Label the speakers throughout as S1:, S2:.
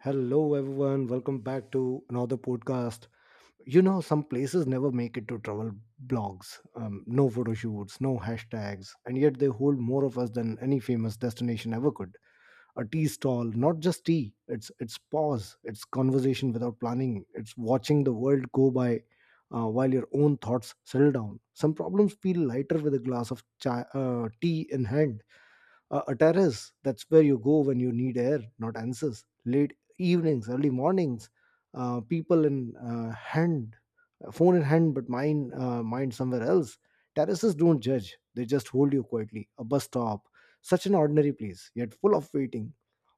S1: Hello, everyone. Welcome back to another podcast. You know, some places never make it to travel blogs. No photo shoots, no hashtags, and yet they hold more of us than any famous destination ever could. A tea stall, not just tea. It's pause. It's conversation without planning. It's watching the world go by while your own thoughts settle down. Some problems feel lighter with a glass of chai, tea in hand. A terrace, that's where you go when you need air, not answers. Late evenings, early mornings, people in hand phone in hand, but mine mind somewhere else. Terraces don't judge, they just hold you quietly. A bus stop, such an ordinary place yet full of waiting,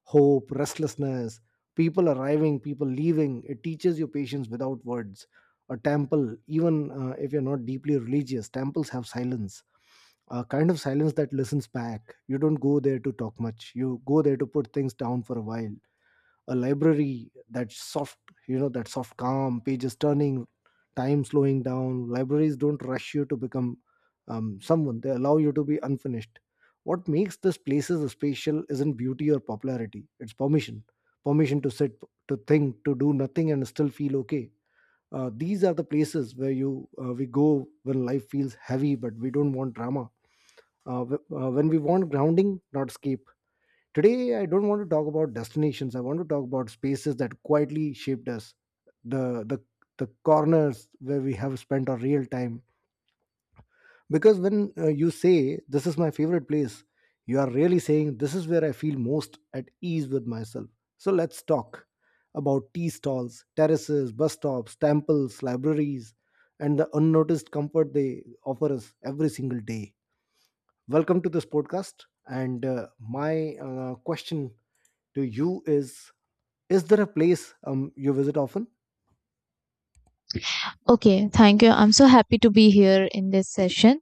S1: hope, restlessness. People arriving, people leaving, it teaches you patience without words. A temple, even if you're not deeply religious, temples have silence, a kind of silence that listens back. You don't go there to talk much, you go there to put things down for a while. A library, that soft, that soft calm, pages turning, time slowing down. Libraries don't rush you to become someone, they allow you to be unfinished. What makes these places special isn't beauty or popularity, it's permission. Permission to sit, to think, to do nothing and still feel okay. These are the places where you we go when life feels heavy but we don't want drama, when we want grounding, not escape. Today, I don't want to talk about destinations. I want to talk about spaces that quietly shaped us, the the the corners where we have spent our real time. Because when you say this is my favorite place, you are really saying this is where I feel most at ease with myself. So let's talk about tea stalls, terraces, bus stops, temples, libraries, and the unnoticed comfort they offer us every single day. Welcome to this podcast. And my question to you is there a place you visit often?
S2: Okay, thank you. I'm so happy to be here in this session.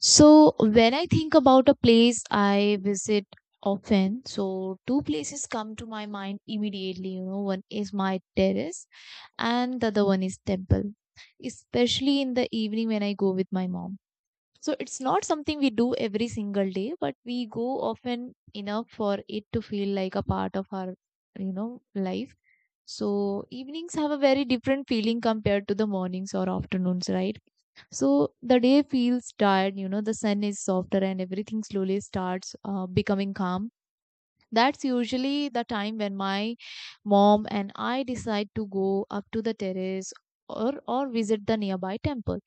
S2: So, when I think about a place I visit often, so two places come to my mind immediately. You know, one is my terrace and the other one is temple, especially in the evening when I go with my mom. So it's not something we do every single day, but we go often enough for it to feel like a part of our life. So evenings have a very different feeling compared to the mornings or afternoons, right? So the day feels tired, you know, the sun is softer and everything slowly starts becoming calm. That's usually the time when my mom and I decide to go up to the terrace or visit the nearby temple.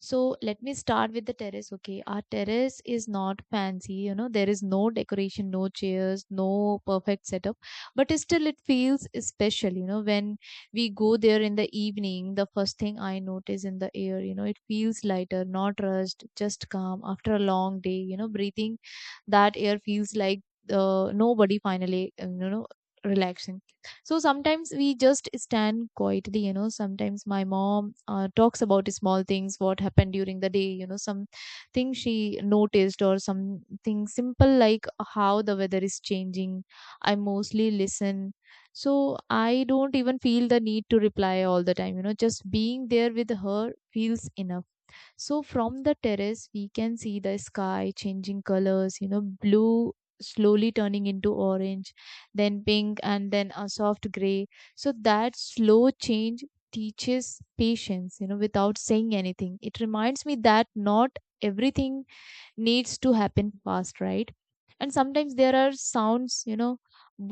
S2: So let me start with the terrace. Okay, our terrace is not fancy, you know, there is no decoration, no chairs, no perfect setup, but still it feels special, you know, when we go there in the evening, the first thing I notice in the air, you know, it feels lighter, not rushed, just calm after a long day, you know, breathing that air feels like nobody finally relaxing. So sometimes we just stand quietly, you know, sometimes my mom talks about small things what happened during the day, you know, some thing she noticed or something simple like how the weather is changing. I mostly listen, so I don't even feel the need to reply all the time, you know, just being there with her feels enough. So from the terrace, we can see the sky changing colors, you know, blue slowly turning into orange, then pink, and then a soft gray. So that slow change teaches patience, you know, without saying anything. It reminds me that not everything needs to happen fast, right? And sometimes there are sounds, you know,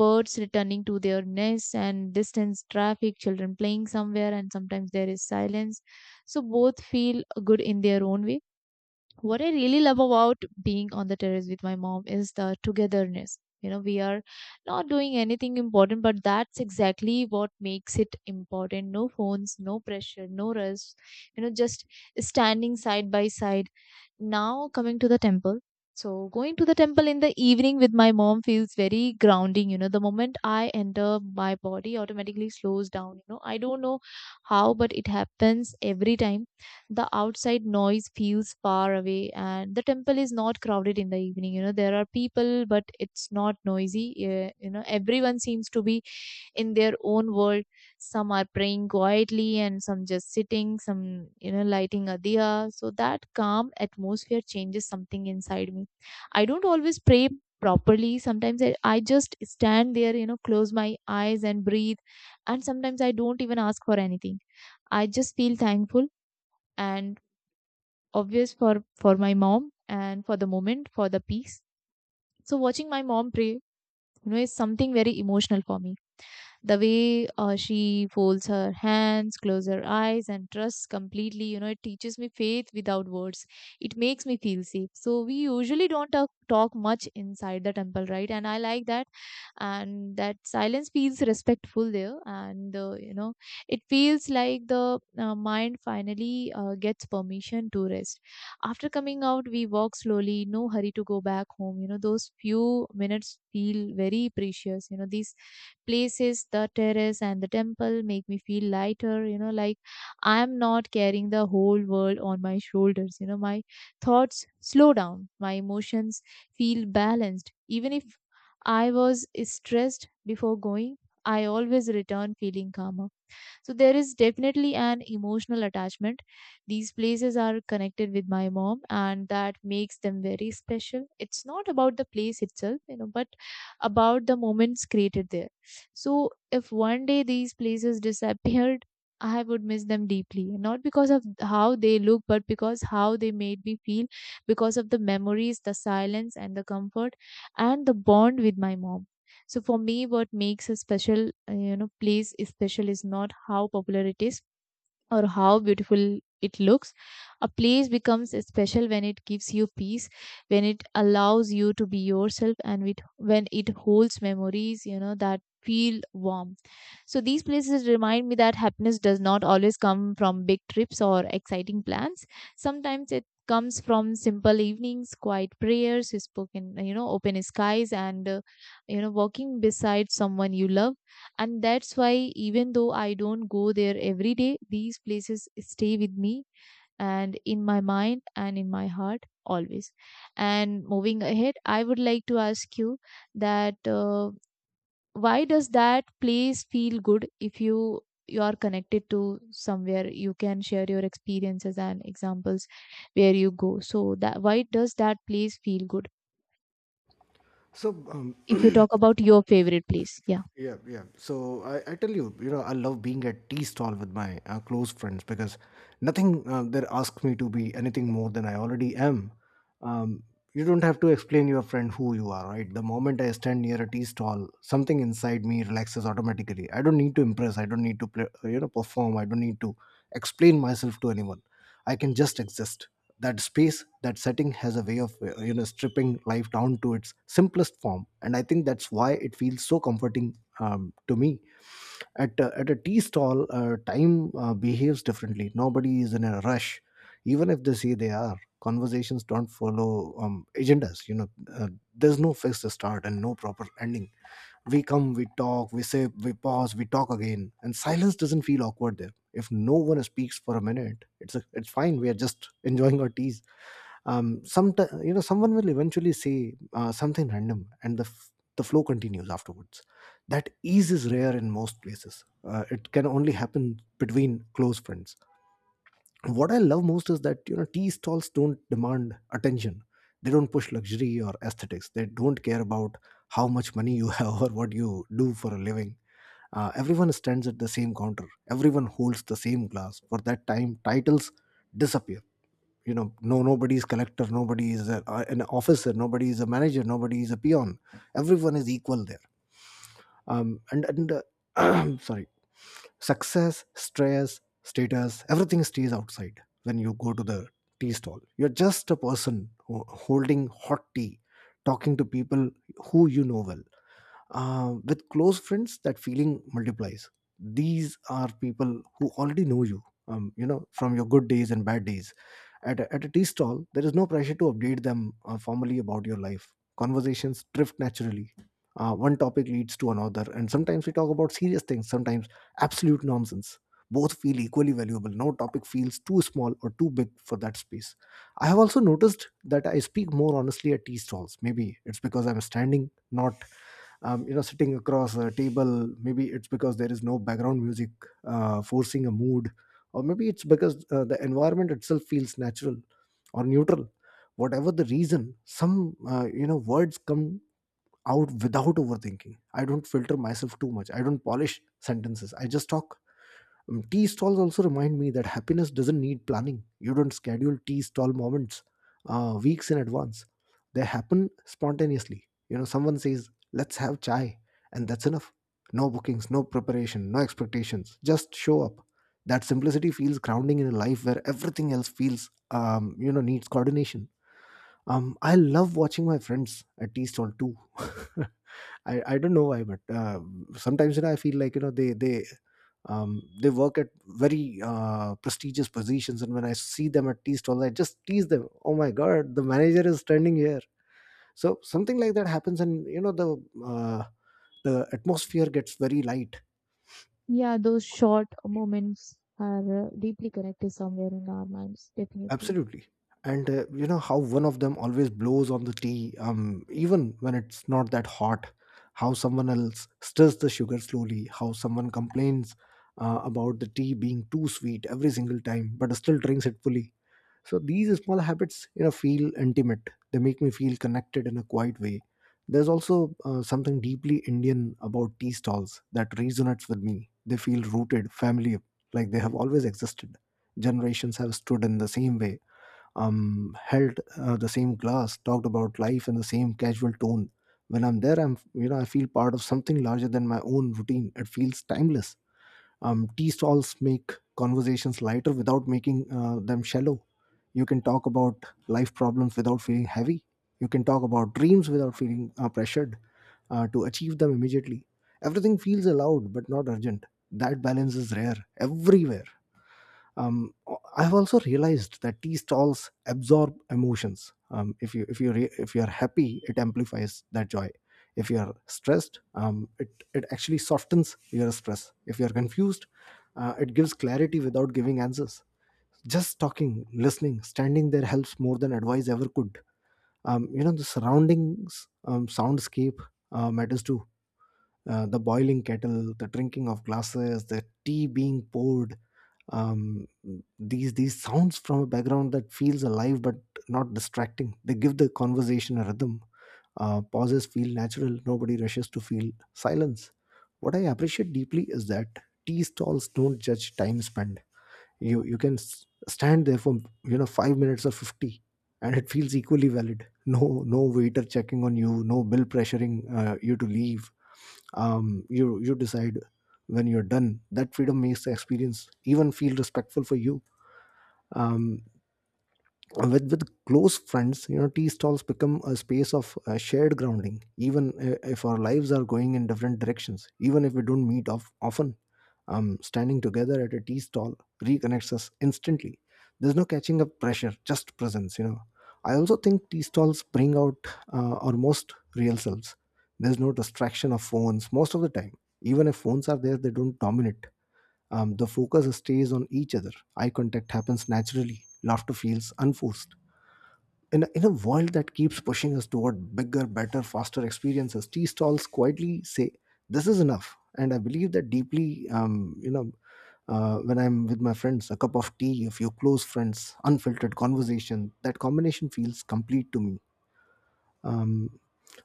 S2: birds returning to their nests and distance traffic, children playing somewhere, and sometimes there is silence, so both feel good in their own way. What I really love about being on the terrace with my mom is the togetherness, you know, we are not doing anything important, but that's exactly what makes it important. No phones, no pressure, no rush, you know, just standing side by side. Now, coming to the temple. So, going to the temple in the evening with my mom feels very grounding. You know, the moment I enter, my body automatically slows down. You know, I don't know how, but it happens every time. The outside noise feels far away, and the temple is not crowded in the evening. You know, there are people, but it's not noisy. You know, everyone seems to be in their own world. Some are praying quietly and some just sitting, some, you know, lighting a diya. So that calm atmosphere changes something inside me. I don't always pray properly. Sometimes I just stand there, you know, close my eyes and breathe. And sometimes I don't even ask for anything. I just feel thankful and obvious for my mom and for the moment, for the peace. So watching my mom pray, you know, is something very emotional for me. The way she folds her hands, closes her eyes and trusts completely, you know, it teaches me faith without words. It makes me feel safe. So we usually don't talk much inside the temple, right? And I like that, and that silence feels respectful there. And it feels like the mind finally gets permission to rest. After coming out, we walk slowly, no hurry to go back home. You know, those few minutes feel very precious. You know, these places, the terrace and the temple, make me feel lighter, you know, like I am not carrying the whole world on my shoulders. You know, my thoughts slow down, my emotions feel balanced. Even if I was stressed before going, I always return feeling calmer. So there is definitely an emotional attachment. These places are connected with my mom, and that makes them very special. It's not about the place itself, you know, but about the moments created there. So if one day these places disappeared, I would miss them deeply, not because of how they look, but because how they made me feel, because of the memories, the silence, and the comfort, and the bond with my mom. So for me, what makes a special, place special is not how popular it is, or how beautiful it looks. A place becomes special when it gives you peace, when it allows you to be yourself, and with, when it holds memories, you know, that feel warm. So these places remind me that happiness does not always come from big trips or exciting plans. Sometimes it comes from simple evenings, quiet prayers, spoken, you know, open skies, and walking beside someone you love. And that's why, even though I don't go there every day, these places stay with me, and in my mind and in my heart always. And moving ahead, I would like to ask you that why does that place feel good? If you, you are connected to somewhere, you can share your experiences and examples where you go. So that, why does that place feel good
S1: so um,
S2: if you talk about your favorite place? Yeah.
S1: Yeah, yeah. So I tell you, you know, I love being at tea stall with my close friends because nothing there asks me to be anything more than I already am. Um, you don't have to explain your friend who you are, right? The moment I stand near a tea stall, something inside me relaxes automatically. I don't need to impress. I don't need to play, you know, perform. I don't need to explain myself to anyone. I can just exist. That space, that setting has a way of, you know, stripping life down to its simplest form. And I think that's why it feels so comforting to me. At a tea stall, time behaves differently, nobody is in a rush. Even if they say they are, conversations don't follow agendas, you know. uh, there's no fixed start and no proper ending. We come, we talk, we say, we pause, we talk again, and silence doesn't feel awkward there. If no one speaks for a minute, it's fine, we are just enjoying our teas. Sometimes, you know, someone will eventually say something random, and the flow continues afterwards. That ease is rare in most places, it can only happen between close friends. What I love most is that, you know, tea stalls don't demand attention. They don't push luxury or aesthetics, they don't care about how much money you have or what you do for a living. Everyone stands at the same counter, everyone holds the same glass. For that time, titles disappear. You know, no nobody is collector, nobody is an officer, nobody is a manager, nobody is a peon. Everyone is equal there. And Sorry. Success, stress, status, everything stays outside. When you go to the tea stall, you're just a person holding hot tea, talking to people who you know well. With close friends that feeling multiplies. These are people who already know you, you know, from your good days and bad days. At a tea stall there is no pressure to update them formally about your life. Conversations drift naturally, one topic leads to another. And sometimes we talk about serious things, sometimes absolute nonsense. Both feel equally valuable, no topic feels too small or too big for that space. I have also noticed that I speak more honestly at tea stalls. Maybe it's because I'm standing, not you know, sitting across a table. Maybe it's because there is no background music forcing a mood. Or maybe it's because the environment itself feels natural or neutral. Whatever the reason, some, you know, words come out without overthinking. I don't filter myself too much, I don't polish sentences, I just talk. Tea stalls also remind me that happiness doesn't need planning. You don't schedule tea stall moments weeks in advance. They happen spontaneously. You know, someone says, "Let's have chai," and that's enough. No bookings, no preparation, no expectations. Just show up. That simplicity feels grounding in a life where everything else feels, you know, needs coordination. I love watching my friends at tea stall too. I don't know why, but sometimes, you know, I feel like, you know, they work at very prestigious positions, and when I see them at tea stalls I just tease them, oh my god, the manager is standing here. So something like that happens, and, you know, uh, the atmosphere gets very light.
S2: Yeah, those short moments are deeply connected somewhere in our minds, definitely.
S1: Absolutely. And, you know, how one of them always blows on the tea, even when it's not that hot, how someone else stirs the sugar slowly, how someone complains about the tea being too sweet every single time but still drinks it fully. So these small habits, you know, feel intimate. They make me feel connected in a quiet way. There's also, something deeply Indian about tea stalls that resonates with me. They feel rooted, family, like they have always existed. Generations have stood in the same way, held the same glass, talked about life in the same casual tone. When I'm there, I'm you know I feel part of something larger than my own routine. It feels timeless. Tea stalls make conversations lighter without making them shallow. You can talk about life problems without feeling heavy, you can talk about dreams without feeling pressured to achieve them immediately. Everything feels allowed but not urgent. That balance is rare everywhere. I've also realized that tea stalls absorb emotions. If you are happy, it amplifies that joy. If you are stressed, it it actually softens your stress. If you are confused, it gives clarity without giving answers. Just talking, listening, standing there helps more than advice ever could. You know, the surroundings, soundscape matters too. The boiling kettle, the drinking of glasses, the tea being poured. Um, these sounds from a background that feels alive but not distracting. They give the conversation a rhythm. Pauses feel natural. Nobody rushes to feel silence. What I appreciate deeply is that tea stalls don't judge time spent. You can stand there for, you know, 5 minutes or 50, and it feels equally valid. No No waiter checking on you, no bill pressuring you to leave. You decide when you're done. That freedom makes the experience even feel respectful for you. um with close friends, you know, tea stalls become a space of shared grounding. Even if our lives are going in different directions, even if we don't meet often, standing together at a tea stall reconnects us instantly. There's no catching up pressure, just presence, you know. I also think tea stalls bring out our most real selves. There's no distraction of phones most of the time. Even if phones are there, they don't dominate. The focus stays on each other. Eye contact happens naturally, laughter feels unforced. In a world that keeps pushing us toward bigger, better, faster experiences, tea stalls quietly say, "This is enough." And I believe that deeply. You know, when I'm with my friends, a cup of tea, a few close friends, unfiltered conversation, that combination feels complete to me. Um,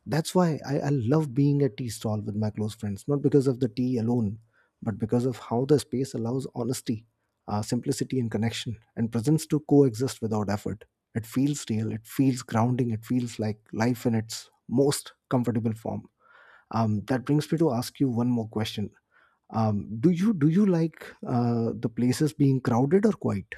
S1: that's why I love being at tea stall with my close friends, not because of the tea alone, but because of how the space allows honesty, simplicity, and connection, and presence to coexist without effort. It feels real, it feels grounding, it feels like life in its most comfortable form. That brings me to ask you one more question. Do you like the places being crowded or quiet?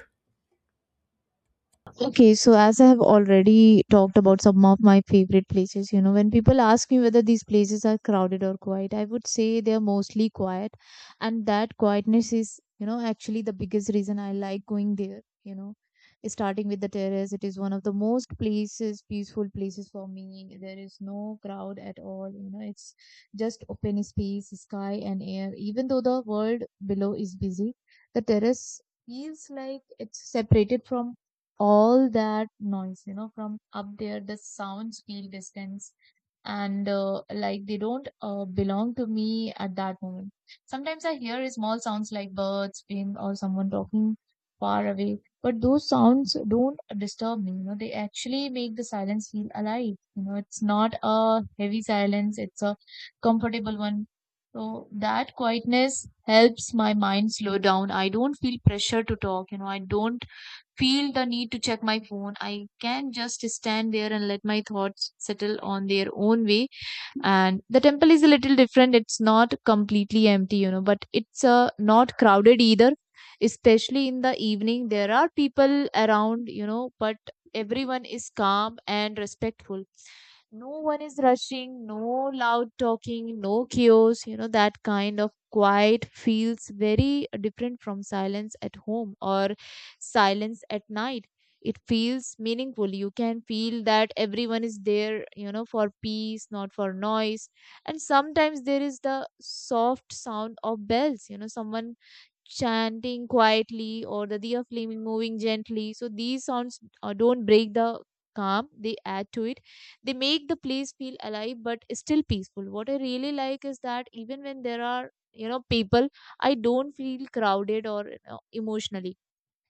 S2: Okay, so as I have already talked about some of my favorite places, you know, when people ask me whether these places are crowded or quiet, I would say they are mostly quiet. And that quietness is, you know, actually the biggest reason I like going there, you know. Starting with the terrace, it is one of the most places, peaceful places for me. There is no crowd at all, you know, it's just open space, sky, and air. Even though the world below is busy, the terrace feels like it's separated from all that noise, you know, from up there, the sounds feel distance and like they don't belong to me at that moment. Sometimes I hear small sounds like birds, wind, or someone talking far away, but those sounds don't disturb me. You know, they actually make the silence feel alive. You know, it's not a heavy silence; it's a comfortable one. So that quietness helps my mind slow down. I don't feel pressure to talk. You know, I don't feel the need to check my phone. I can just stand there and let my thoughts settle on their own way. And the temple is a little different. It's not completely empty, you know, but it's not crowded either. Especially in the evening, there are people around, you know, but everyone is calm and respectful. No one is rushing, no loud talking, no chaos. You know, that kind of quiet feels very different from silence at home or silence at night. It feels meaningful. You can feel that everyone is there, you know, for peace, not for noise. And sometimes there is the soft sound of bells, you know, someone chanting quietly or the diya flaming, moving gently. So these sounds don't break the calm, they add to it. They make the place feel alive but still peaceful. What I really like is that even when there are, you know, people, I don't feel crowded or, you know, emotionally.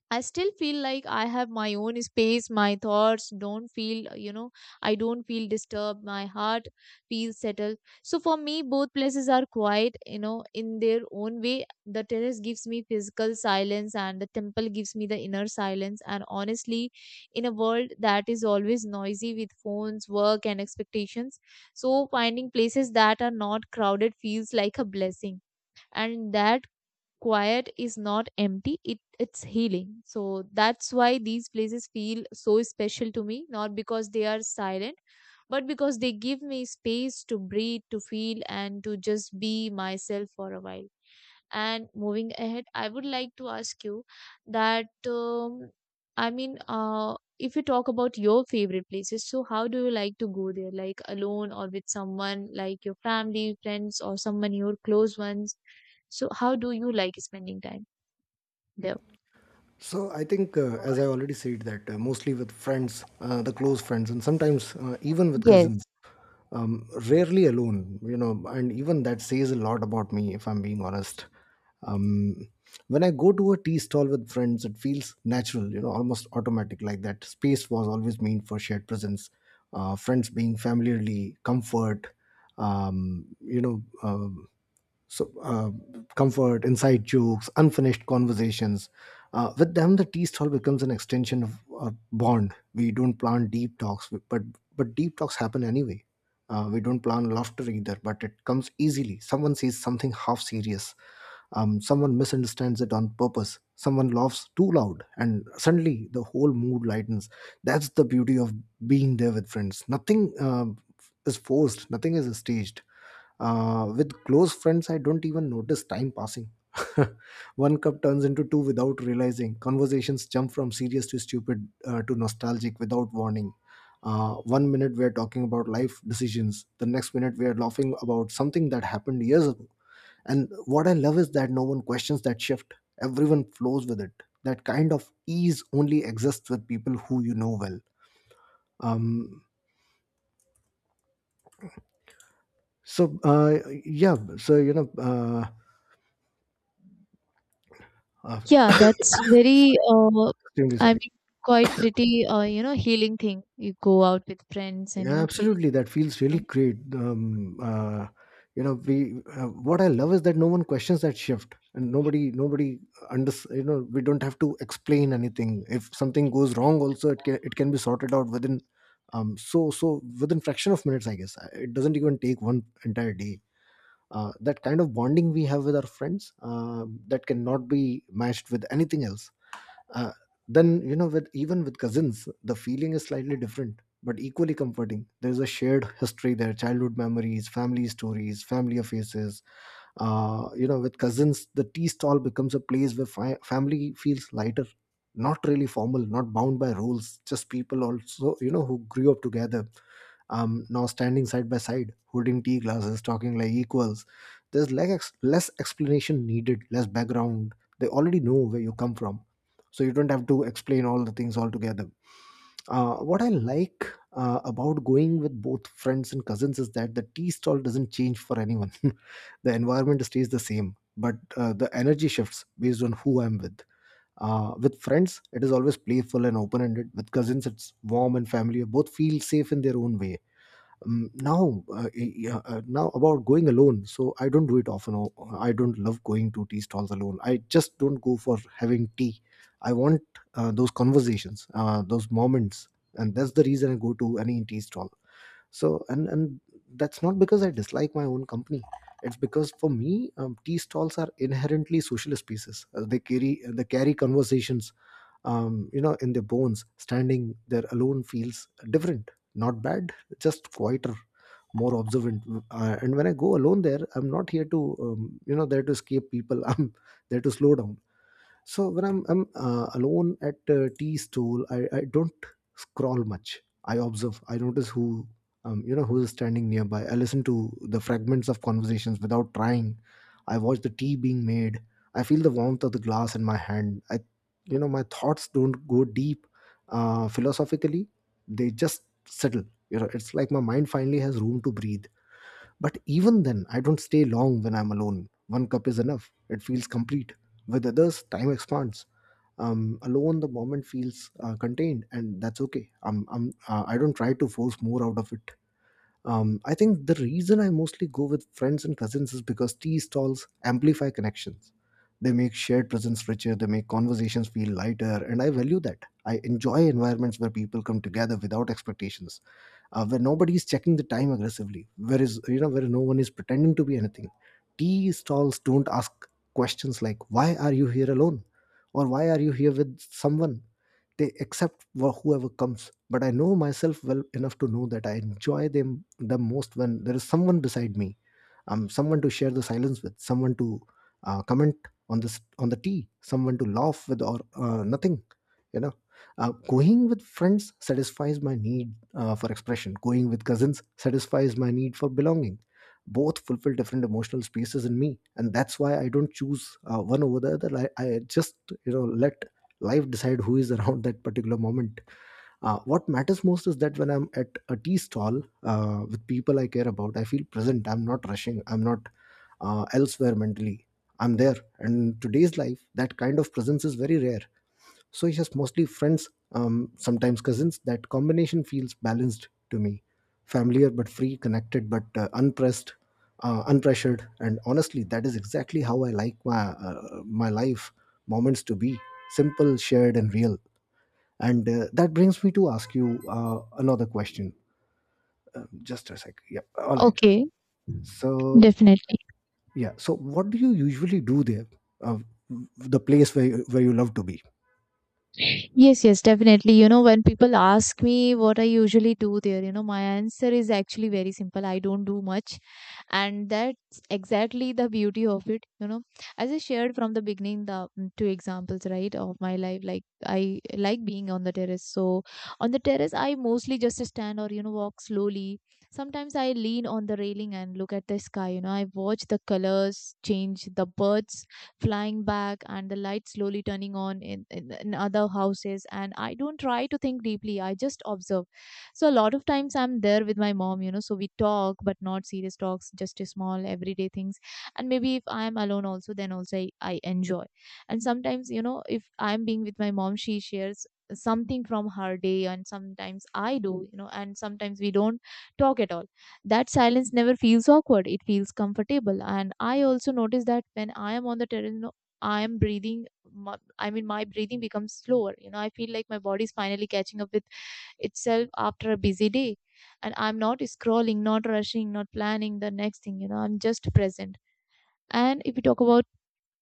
S2: I still feel like I have my own space. My thoughts don't feel, you know, I don't feel disturbed. My heart feels settled. So for me, both places are quiet, you know, in their own way. The terrace gives me physical silence, and the temple gives me the inner silence. And honestly, in a world that is always noisy with phones, work, and expectations, so finding places that are not crowded feels like a blessing. And that quiet is not empty, it's healing. So that's why these places feel so special to me, not because they are silent, but because they give me space to breathe, to feel, and to just be myself for a while. And moving ahead, I would like to ask you that I mean, if you talk about your favorite places, so how do you like to go there? Like alone or with someone, like your family, friends, or someone your close ones? So how do you like spending time there?
S1: So I think, as I already said, that mostly with friends, the close friends, and sometimes even with
S2: Yes.
S1: cousins. Rarely alone, you know, and even that says a lot about me if I'm being honest. um, when I go to a tea stall with friends, it feels natural, you know, almost automatic, like that space was always meant for shared presence. Friends being familiarly comfort, um, you know um so, uh, comfort, inside jokes, unfinished conversations. With them, the tea stall becomes an extension of our bond. We don't plan deep talks, but deep talks happen anyway. We don't plan laughter either, but it comes easily. Someone says something half serious. Someone misunderstands it on purpose. Someone laughs too loud, and suddenly the whole mood lightens. That's the beauty of being there with friends. Nothing is forced. Nothing is staged. With close friends, I don't even notice time passing. One cup turns into two without realizing. Conversations jump from serious to stupid to nostalgic without warning. One minute we're talking about life decisions, the next minute we're laughing about something that happened years ago. And what I love is that no one questions that shift, everyone flows with it. That kind of ease only exists with people who you know well. Um, so, yeah, so, uh,
S2: Yeah, that's
S1: uh,
S2: very,
S1: extremely
S2: I
S1: sorry.
S2: mean, quite pretty, healing thing. You go out with friends and, you
S1: Yeah,
S2: know, feel
S1: absolutely. That feels really
S2: some.
S1: great. You know, we what I love is that no one questions that shift, and nobody under. You know, we don't have to explain anything. If something goes wrong, also it can be sorted out within, so within fraction of minutes. I guess it doesn't even take one entire day. That kind of bonding we have with our friends, that cannot be matched with anything else. uh, then, you know, with even with cousins, the feeling is slightly different but equally comforting. There's a shared history there: childhood memories, family stories, family faces. You know, with cousins, the tea stall becomes a place where family feels lighter, not really formal, not bound by rules, just people also, you know, who grew up together. Now standing side by side, holding tea glasses, talking like equals. There's like less explanation needed, less background. They already know where you come from, so you don't have to explain all the things altogether. What I like about going with both friends and cousins is that the tea stall doesn't change for anyone. The environment stays the same, but the energy shifts based on who I'm with. With friends, it is always playful and open ended. With cousins, it's warm and familiar. Both feel safe in their own way. Now Yeah, now about going alone, so I don't do it often. Oh, I don't love going to tea stalls alone, I just don't go for having tea. I want those conversations, those moments, and that's the reason I go to any tea stall. So, and that's not because I dislike my own company. It's because for me, tea stalls are inherently social spaces. They carry conversations, in their bones. Standing there alone feels different, not bad, just quieter, more observant. And when I go alone there, I'm not here to you know there to escape people. I'm there to slow down. So when I'm alone at a tea stall, I don't scroll much, I observe, I notice who who is standing nearby. I listen to the fragments of conversations without trying. I watch the tea being made, I feel the warmth of the glass in my hand. I, my thoughts don't go deep philosophically, they just settle. You know, it's like my mind finally has room to breathe. But even then, I don't stay long when I'm alone. One cup is enough, it feels complete. With others, time expands. Alone, the moment feels contained, and that's okay. I don't try to force more out of it. I think the reason I mostly go with friends and cousins is because tea stalls amplify connections. They make shared presence richer, they make conversations feel lighter, and I value that. I enjoy environments where people come together without expectations, where nobody is checking the time aggressively, where no one is pretending to be anything. Tea stalls don't ask questions like "Why are you here alone?" or "Why are you here with someone?" They accept whoever comes, but I know myself well enough to know that I enjoy them the most when there is someone beside me. Someone to share the silence with, someone to comment on the tea, someone to laugh with or nothing. You know, going with friends satisfies my need for expression. Going with cousins satisfies my need for belonging. Both fulfill different emotional spaces in me, and that's why I don't choose one over the other. I just let life decide who is around that particular moment. What matters most is that when I'm at a tea stall with people I care about, I feel present. I'm not rushing. I'm not elsewhere mentally. I'm there. And in today's life, that kind of presence is very rare. So it's just mostly friends, sometimes cousins. That combination feels balanced to me. Familiar but free, connected but unpressured. And honestly, that is exactly how I like my life moments to be simple, shared, and real. And that brings me to ask you another question. Just a sec. Yeah. All right.
S2: Okay,
S1: So
S2: definitely.
S1: yeah. So what do you usually do there? Uh, the place where where you love to be.
S2: Yes, yes, definitely. You know, when people ask me what I usually do there, you know, my answer is actually very simple. I don't do much. And that's exactly the beauty of it. You know, as I shared from the beginning, the two examples, right, of my life, like I like being on the terrace. So on the terrace, I mostly just stand or, you know, walk slowly. Sometimes I lean on the railing and look at the sky. You know, I watch the colors change, the birds flying back and the lights slowly turning on in, other houses. And I don't try to think deeply, I just observe. So, a lot of times I'm there with my mom, you know, so we talk, but not serious talks, just a small everyday things. And maybe if I'm alone also, then also I enjoy. And sometimes, you know, if I'm being with my mom, she shares something from her day, and sometimes I do, you know, and sometimes we don't talk at all. That silence never feels awkward, it feels comfortable. And I also notice that when I am on the terrace, you know, I am breathing. I mean, my breathing becomes slower. You know, I feel like my body is finally catching up with itself after a busy day. And I'm not scrolling, not rushing, not planning the next thing. You know, I'm just present. And if we talk about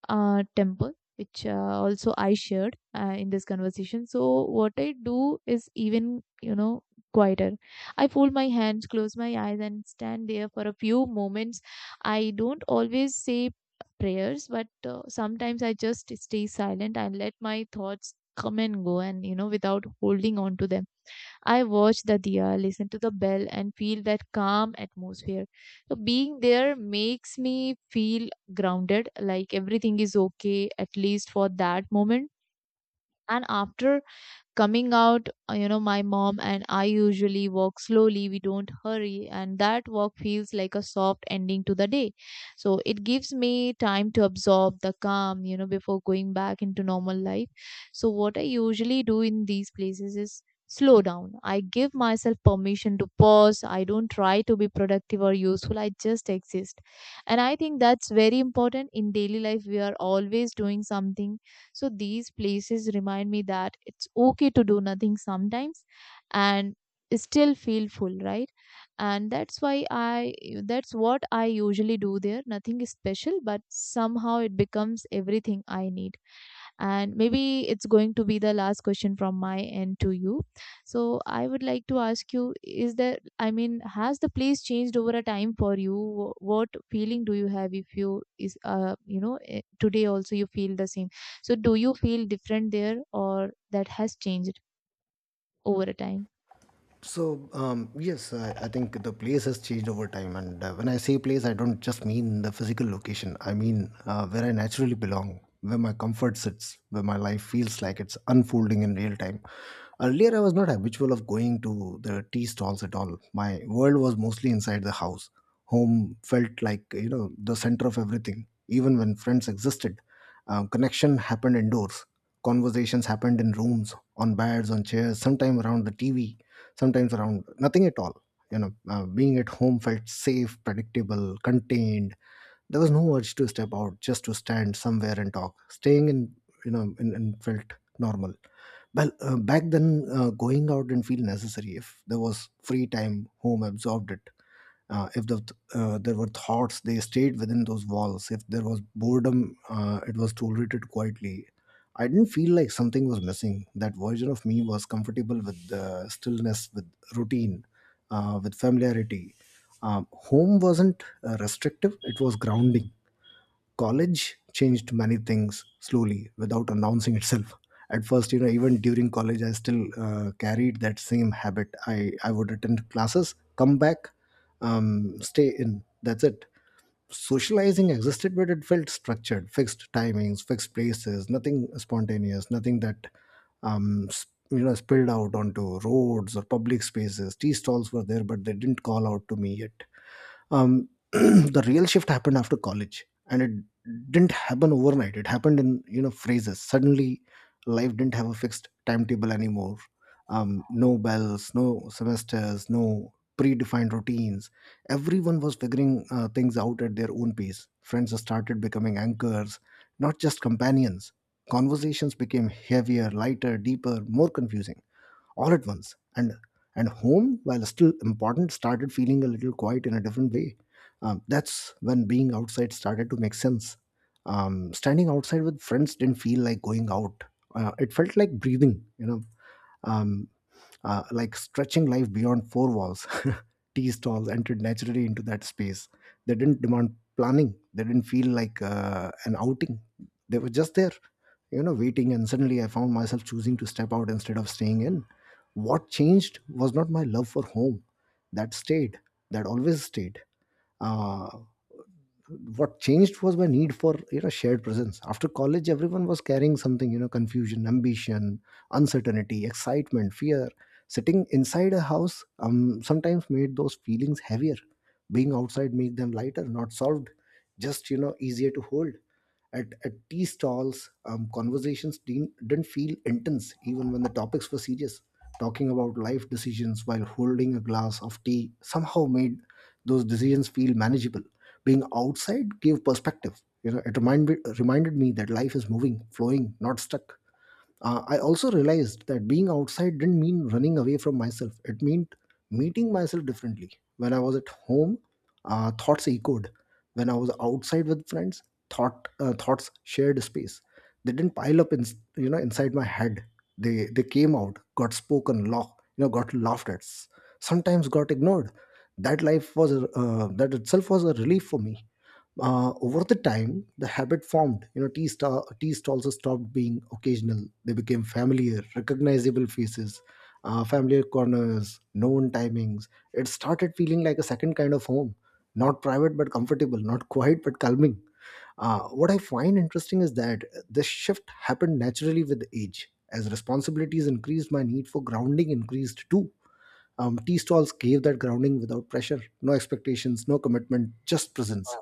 S2: temple, which also I shared in this conversation, so what I do is even, you know, quieter. I fold my hands, close my eyes and stand there for a few moments. I don't always say prayers, but sometimes I just stay silent and let my thoughts come and go, and you know, without holding on to them. I watch the diya, listen to the bell, and feel that calm atmosphere. So being there makes me feel grounded, like everything is okay, at least for that moment. And after coming out, my mom and I usually walk slowly, we don't hurry, and that walk feels like a soft ending to the day. So it gives me time to absorb the calm, you know, before going back into normal life. So what I usually do in these places is slow down. I give myself permission to pause. I don't try to be productive or useful, I just exist. And I think that's very important. In daily life we are always doing something, so these places remind me that it's okay to do nothing sometimes and still feel full, right? And that's why I that's what I usually do there. Nothing is special, but somehow it becomes everything I need. And maybe it's going to be the last question from my end to you. So I would like to ask you, is there, I mean, has the place changed over a time for you? Wh- What feeling do you have if you is, today also you feel the same? So do you feel different there or that has changed over a time?
S1: So, yes, I think the place has changed over time, and when I say place, I don't just mean the physical location. I mean where I naturally belong, where my comfort sits, where my life feels like it's unfolding in real time. Earlier, I was not habitual of going to the tea stalls at all. My world was mostly inside the house. Home felt like the center of everything. Even when friends existed, connection happened indoors. Conversations happened in rooms, on beds, on chairs, sometime around the TV, sometimes around nothing at all. Being at home felt safe, predictable, contained. There was no urge to step out, just to stand somewhere and talk. Staying in, you know, in felt normal. Well, back then, going out didn't feel necessary. If there was free time, home absorbed it. If there were thoughts, they stayed within those walls. If there was boredom, it was tolerated quietly. I didn't feel like something was missing. That version of me was comfortable with stillness, with routine, with familiarity. Home wasn't restrictive, it was grounding. College changed many things slowly without announcing itself. At first, you know, even during college, I still carried that same habit. I would attend classes, come back, stay in. That's it. Socializing existed, but it felt structured, fixed timings, fixed places, nothing spontaneous, nothing that spilled out onto roads or public spaces. Tea stalls were there, but they didn't call out to me yet. The real shift happened after college, and it didn't happen overnight, it happened in, you know, phases. Suddenly life didn't have a fixed timetable anymore. No bells, no semesters, no predefined routines. Everyone was figuring things out at their own pace. Friends started becoming anchors, not just companions. Conversations became heavier, lighter, deeper, more confusing, all at once. And home, while still important, started feeling a little quiet in a different way. That's when being outside started to make sense. Standing outside with friends didn't feel like going out, it felt like breathing, you know, um, like stretching life beyond four walls. Tea stalls entered naturally into that space. They didn't demand planning, they didn't feel like an outing, they were just there, you know, waiting. And suddenly I found myself choosing to step out instead of staying in. What changed was not my love for home. That stayed. That always stayed. uh, what changed was my need for, you know, shared presence. After college, everyone was carrying something, you know, confusion, ambition, uncertainty, excitement, fear. Sitting inside a house sometimes made those feelings heavier. Being outside made them lighter, not solved, just, you know, easier to hold. At tea stalls, conversations didn't feel intense, even when the topics were serious. Talking about life decisions while holding a glass of tea somehow made those decisions feel manageable. Being outside gave perspective, you know, it reminded me that life is moving, flowing, not stuck. I also realized that being outside didn't mean running away from myself, it meant meeting myself differently. When I was at home, thoughts echoed. When I was outside with friends, thoughts shared space. They didn't pile up in, you know, inside my head. They came out, got spoken, laugh you know got laughed at, sometimes got ignored. That itself was a relief for me. Over the time, the habit formed, you know. Tea stalls stopped being occasional, they became familiar, recognizable faces. Familiar corners, known timings. It started feeling like a second kind of home, not private but comfortable, not quiet but calming. What I find interesting is that this shift happened naturally with age. As responsibilities increased, my need for grounding increased too. Tea stalls gave that grounding without pressure, no expectations, no commitment, just presence.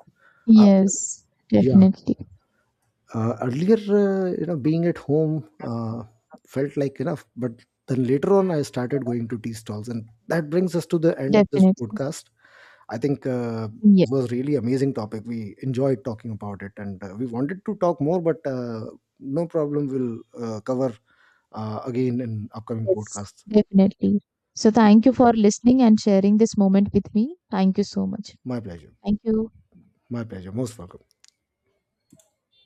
S1: Uh,
S2: Yes,
S1: yeah.
S2: definitely.
S1: Earlier, being at home felt like enough, but then later on, I started going to tea stalls, and that brings us to the end of this
S2: Definitely.
S1: podcast. I think
S2: Yes,
S1: this was really amazing topic. We enjoyed talking about it, and we wanted to talk more, but no problem. We'll cover again in upcoming
S2: yes,
S1: podcasts.
S2: definitely. So
S1: Thank you
S2: thank you
S1: so much.
S2: for listening and sharing this moment with me. Thank you so much.
S1: My pleasure.
S2: Thank you.
S1: My pleasure. Most welcome.